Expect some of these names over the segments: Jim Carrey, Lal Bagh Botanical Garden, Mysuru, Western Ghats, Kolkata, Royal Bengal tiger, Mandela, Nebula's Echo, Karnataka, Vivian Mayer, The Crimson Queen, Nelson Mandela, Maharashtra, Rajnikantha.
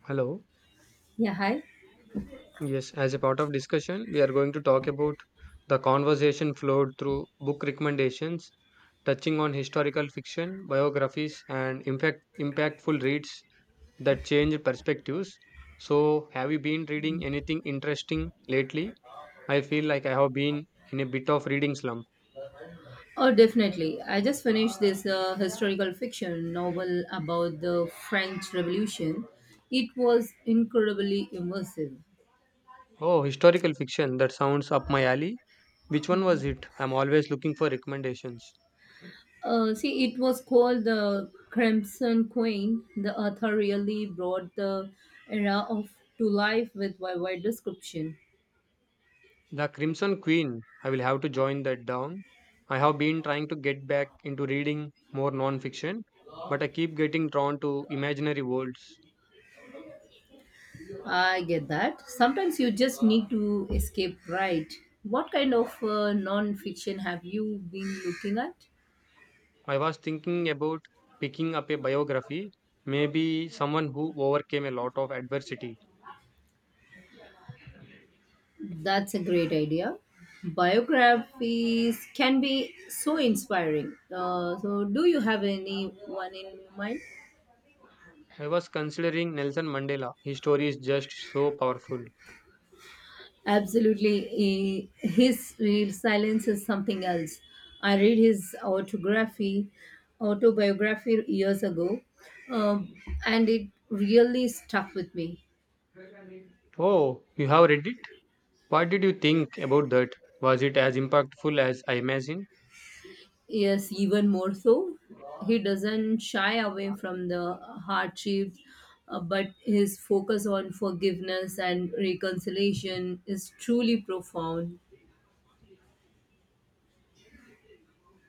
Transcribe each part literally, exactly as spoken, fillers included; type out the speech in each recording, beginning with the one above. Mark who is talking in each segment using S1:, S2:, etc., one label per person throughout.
S1: Hello.
S2: Yeah, hi.
S1: Yes, as a part of discussion, we are going to talk about the conversation flowed through book recommendations, touching on historical fiction, biographies, and impact impactful reads that change perspectives. So, have you been reading anything interesting lately? I feel like I have been in a bit of reading slump.
S2: Oh, definitely. I just finished this uh, historical fiction novel about the French Revolution. It was incredibly immersive.
S1: Oh, historical fiction, that sounds up my alley. Which one was it? I'm always looking for recommendations.
S2: Uh, see, it was called The Crimson Queen. The author really brought the era of to life with a wide description.
S1: The Crimson Queen. I will have to join that down. I have been trying to get back into reading more non-fiction, but I keep getting drawn to imaginary worlds.
S2: I get that. Sometimes you just need to escape, right? What kind of uh, non-fiction have you been looking at?
S1: I was thinking about picking up a biography, maybe someone who overcame a lot of adversity.
S2: That's a great idea. Biographies can be so inspiring. Uh, so, do you have anyone in mind?
S1: I was considering Nelson Mandela. His story is just so powerful.
S2: Absolutely. He- His real silence is something else. I read his autography, autobiography years ago, um, and it really stuck with me.
S1: Oh, you have read it? What did you think about that? Was it as impactful as I imagined?
S2: Yes, even more so. He doesn't shy away from the hardships, uh, but his focus on forgiveness and reconciliation is truly profound.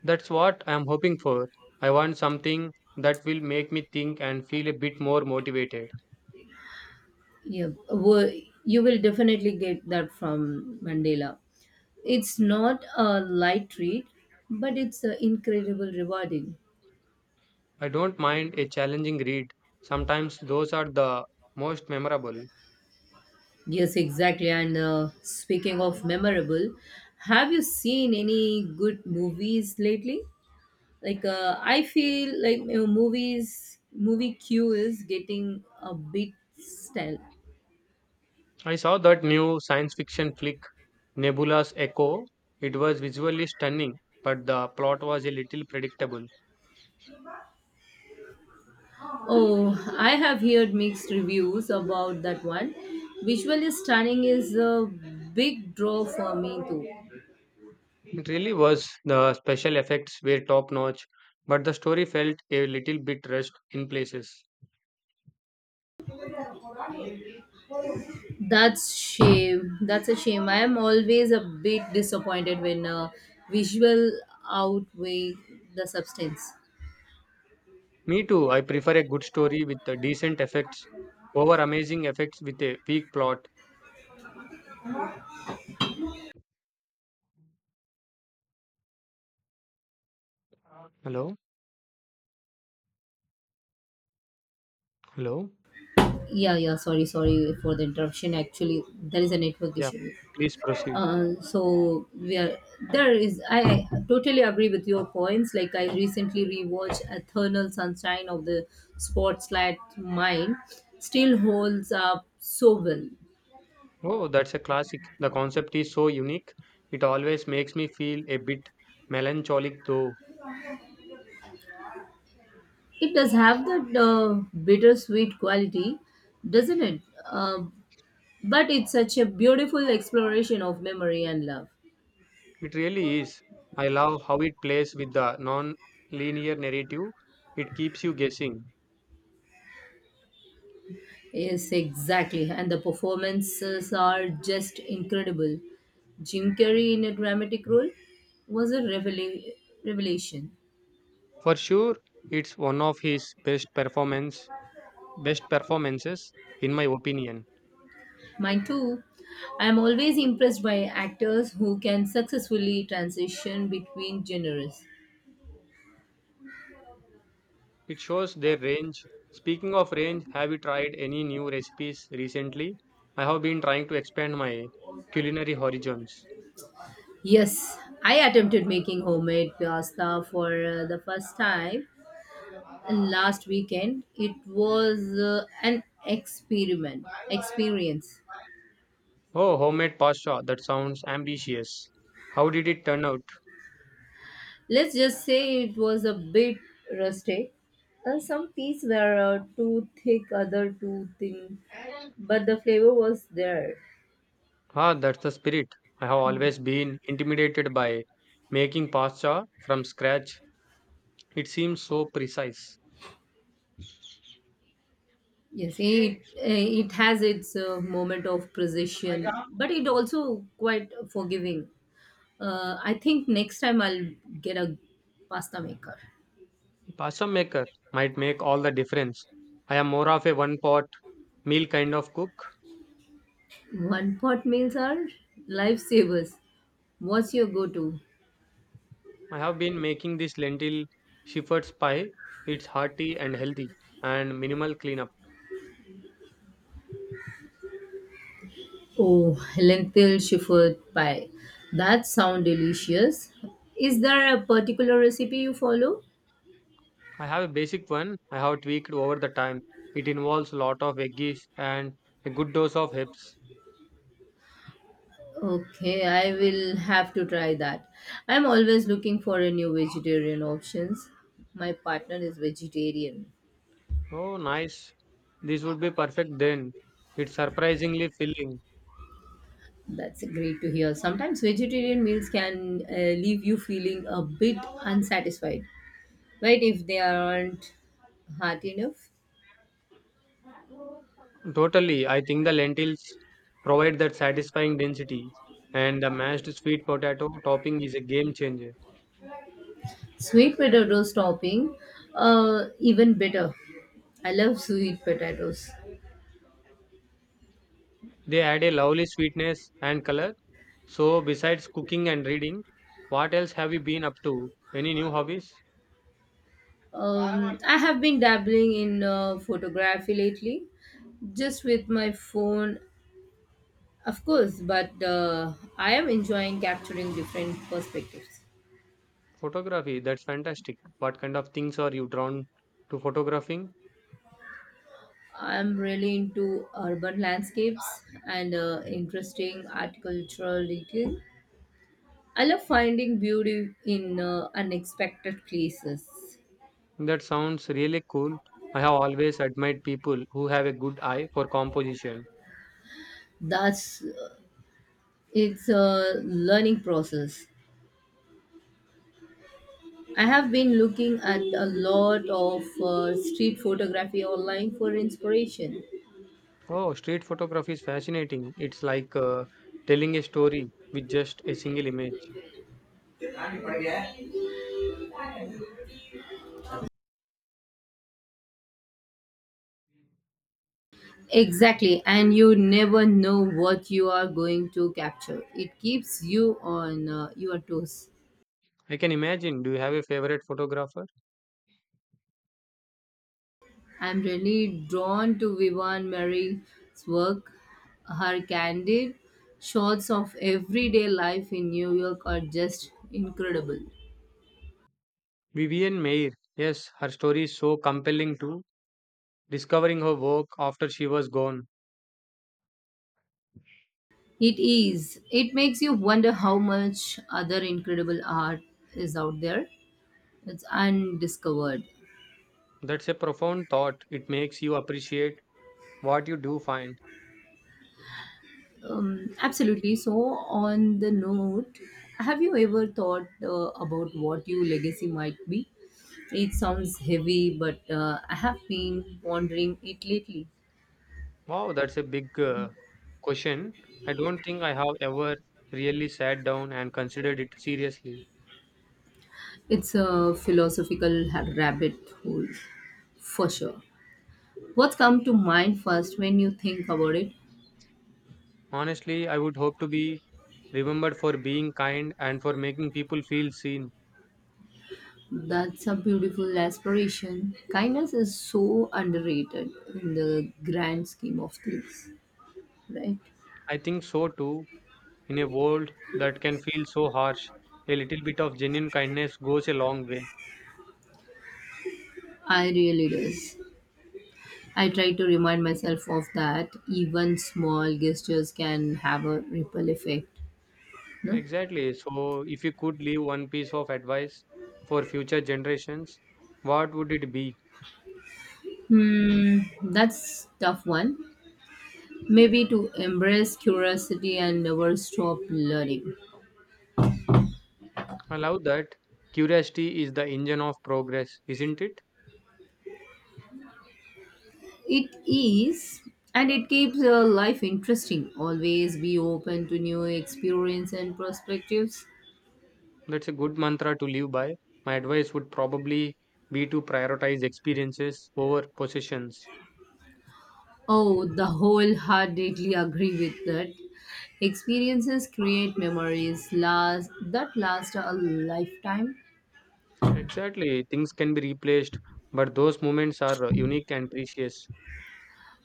S1: That's what I'm hoping for. I want something that will make me think and feel a bit more motivated.
S2: Yeah, wo- you will definitely get that from Mandela. It's not a light read, but it's uh, incredible rewarding.
S1: I don't mind a challenging read. Sometimes those are the most memorable.
S2: Yes, exactly. And uh, speaking of memorable, have you seen any good movies lately? Like uh, i feel like you know, movies movie queue is getting a bit stale.
S1: I saw that new science fiction flick, Nebula's Echo. It was visually stunning, but the plot was a little predictable.
S2: Oh, I have heard mixed reviews about that one. Visually stunning is a big draw for me too.
S1: It really was. The special effects were top notch, but the story felt a little bit rushed in places.
S2: That's shame that's a shame. I am always a bit disappointed when uh, visual outweigh the substance.
S1: Me too. I prefer a good story with the decent effects over amazing effects with a weak plot. Hello? Hello?
S2: Yeah yeah sorry sorry for the interruption. Actually, there is a network
S1: Yeah,
S2: issue.
S1: please proceed.
S2: Uh, so we are there is I, I totally agree with your points. Like I recently rewatched Eternal Sunshine of the Spotlight Mind. Still holds up so well.
S1: Oh, that's a classic. The concept is so unique. It always makes me feel a bit melancholic, though.
S2: It does have that uh, bittersweet quality, doesn't it uh, but it's such a beautiful exploration of memory and love.
S1: It really is. I love how it plays with the non linear narrative, it keeps you guessing.
S2: Yes, exactly. And the performances are just incredible. Jim Carrey in a dramatic role was a revela- revelation.
S1: For sure, it's one of his best performance best performances in my opinion.
S2: Mine too. I am always impressed by actors who can successfully transition between genres.
S1: It shows their range. Speaking of range, have you tried any new recipes recently? I have been trying to expand my culinary horizons.
S2: Yes, I attempted making homemade pasta for uh, the first time last weekend. It was uh, an experiment experience.
S1: Oh, homemade pasta. That sounds ambitious. How did it turn out?
S2: Let's just say it was a bit rusty. Uh, some pieces were uh, too thick, other too thin, but the flavor was there.
S1: Ah, that's the spirit. I have always been intimidated by making pasta from scratch. It seems so precise.
S2: Yes, it it has its uh, moment of precision, but it also quite forgiving. Uh, I think next time I'll get a pasta maker.
S1: A pasta maker might make all the difference. I am more of a one pot meal kind of cook.
S2: One pot meals are lifesavers. What's your go-to?
S1: I have been making this lentil shepherd's pie. It's hearty and healthy and minimal cleanup.
S2: Oh, lentil shepherd pie. That sounds delicious. Is there a particular recipe you follow?
S1: I have a basic one I have tweaked over the time. It involves a lot of veggies and a good dose of herbs.
S2: Okay, I will have to try that. I'm always looking for a new vegetarian options. My partner is vegetarian.
S1: Oh, nice. This would be perfect then. It's surprisingly filling.
S2: That's great to hear. Sometimes vegetarian meals can uh, leave you feeling a bit unsatisfied, right? If they aren't heart enough.
S1: Totally, I think the lentils provide that satisfying density, and the mashed sweet potato topping is a game changer.
S2: Sweet potato topping, uh, even better. I love sweet potatoes.
S1: They add a lovely sweetness and color. So, besides cooking and reading, what else have you been up to? Any new hobbies?
S2: Um, I have been dabbling in uh, photography lately, just with my phone, of course, but uh, I am enjoying capturing different perspectives.
S1: Photography, that's fantastic. What kind of things are you drawn to photographing?
S2: I'm really into urban landscapes and uh, interesting agricultural detail. I love finding beauty in uh, unexpected places.
S1: That sounds really cool. I have always admired people who have a good eye for composition.
S2: That's It's a learning process. I have been looking at a lot of uh, street photography online for inspiration.
S1: Oh, street photography is fascinating. It's like, uh, telling a story with just a single image.
S2: Exactly, and you never know what you are going to capture. It keeps you on uh, your toes.
S1: I can imagine. Do you have a favorite photographer?
S2: I'm really drawn to Vivian Mary's work. Her candid shots of everyday life in New York are just incredible.
S1: Vivian Mayer, yes, her story is so compelling too. Discovering her work after she was gone.
S2: It is. It makes you wonder how much other incredible art is out there. It's undiscovered.
S1: That's a profound thought. It makes you appreciate what you do find.
S2: Um, absolutely. So, on the note, have you ever thought uh, about what your legacy might be? It sounds heavy, but uh, I have been pondering it lately.
S1: Wow, that's a big uh, question. I don't think I have ever really sat down and considered it seriously.
S2: It's a philosophical ha- rabbit hole, for sure. What's come to mind first when you think about it?
S1: Honestly, I would hope to be remembered for being kind and for making people feel seen.
S2: That's a beautiful aspiration. Kindness is so underrated in the grand scheme of things, right?
S1: I think so too. In a world that can feel so harsh, a little bit of genuine kindness goes a long way.
S2: I really does. I try to remind myself of that. Even small gestures can have a ripple effect. No?
S1: Exactly. So, if you could leave one piece of advice for future generations, what would it be?
S2: Hmm, that's tough one. Maybe to embrace curiosity and never stop learning.
S1: I love that. Curiosity is the engine of progress, isn't it?
S2: It is, and it keeps your life interesting. Always be open to new experience and perspectives.
S1: That's a good mantra to live by. My advice would probably be to prioritize experiences over possessions.
S2: Oh, the wholeheartedly agree with that. Experiences create memories last that last a lifetime.
S1: Exactly. Things can be replaced, but those moments are uh, unique and precious.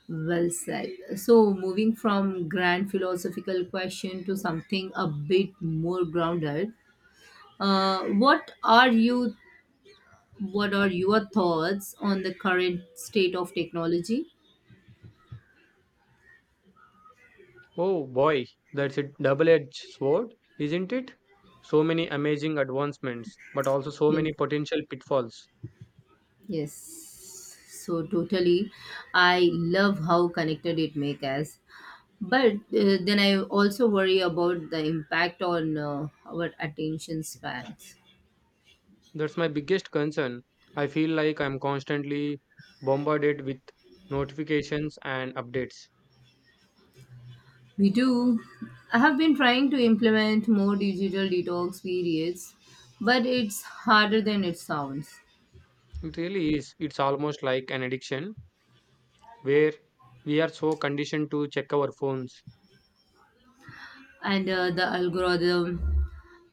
S2: Well said. So, moving from grand philosophical question to something a bit more grounded, uh, what are you? What are your thoughts on the current state of technology?
S1: Oh boy, that's a double-edged sword, isn't it? So many amazing advancements, but also so
S2: Yes.
S1: many potential pitfalls.
S2: Yes. So totally. I love how connected it make us. But uh, then I also worry about the impact on uh, our attention spans.
S1: That's my biggest concern. I feel like I'm constantly bombarded with notifications and updates.
S2: We do. I have been trying to implement more digital detox periods, but it's harder than it sounds.
S1: It really is. It's almost like an addiction where we are so conditioned to check our phones.
S2: And uh, the algorithm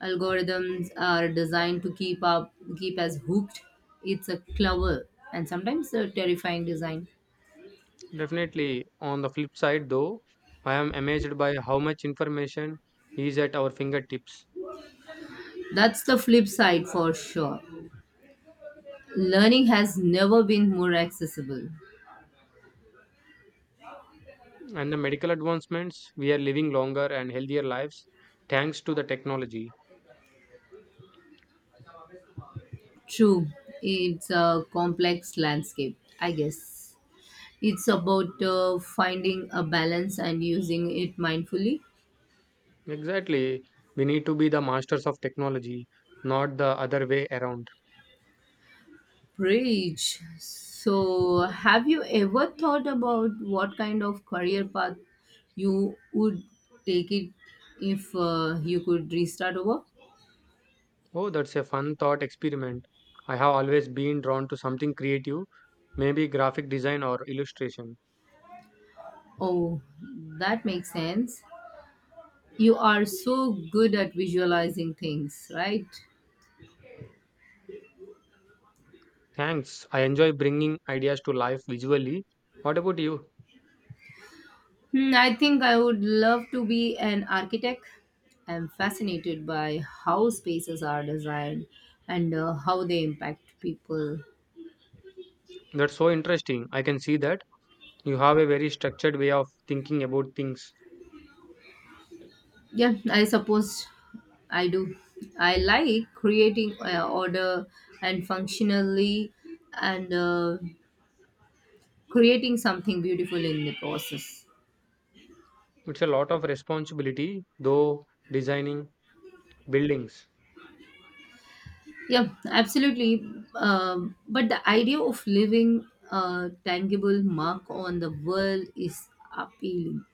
S2: algorithms are designed to keep up, keep us hooked. It's a clever and sometimes a terrifying design.
S1: Definitely. On the flip side, though, I am amazed by how much information is at our fingertips,
S2: That's the flip side for sure. Learning has never been more accessible.
S1: and the medical advancements. We are living longer and healthier lives thanks to the technology.
S2: True, it's a complex landscape, I guess. It's about uh, finding a balance and using it mindfully.
S1: Exactly. We need to be the masters of technology, not the other way around.
S2: Preach. So, have you ever thought about what kind of career path you would take it if uh, you could restart over?
S1: Oh, that's a fun thought experiment. I have always been drawn to something creative, maybe graphic design or illustration.
S2: Oh, that makes sense. You are so good at visualizing things, right?
S1: Thanks. I enjoy bringing ideas to life visually. What about you?
S2: Hmm, I think I would love to be an architect. I'm fascinated by how spaces are designed and uh, how they impact people.
S1: That's so interesting. I can see that you have a very structured way of thinking about things.
S2: Yeah, I suppose I do. I like creating uh, order and functionally and uh, creating something beautiful in the process.
S1: It's a lot of responsibility, though, designing buildings.
S2: Yeah, absolutely. Um, but the idea of leaving a tangible mark on the world is appealing.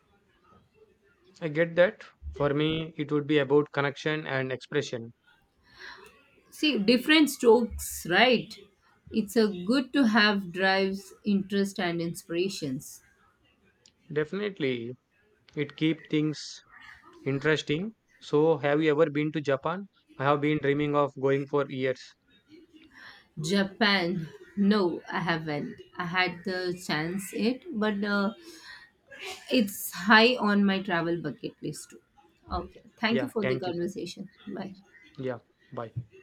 S1: I get that. For me, it would be about connection and expression.
S2: See different strokes, right? It's a good to have drives interest and inspirations.
S1: Definitely, it keeps things interesting. So, have you ever been to Japan? I have been dreaming of going for years.
S2: Japan? No, I haven't. I had the chance it, but uh, it's high on my travel bucket list too. Okay, thank
S1: Yeah,
S2: you for the
S1: thank you.
S2: conversation. Bye.
S1: Yeah, bye.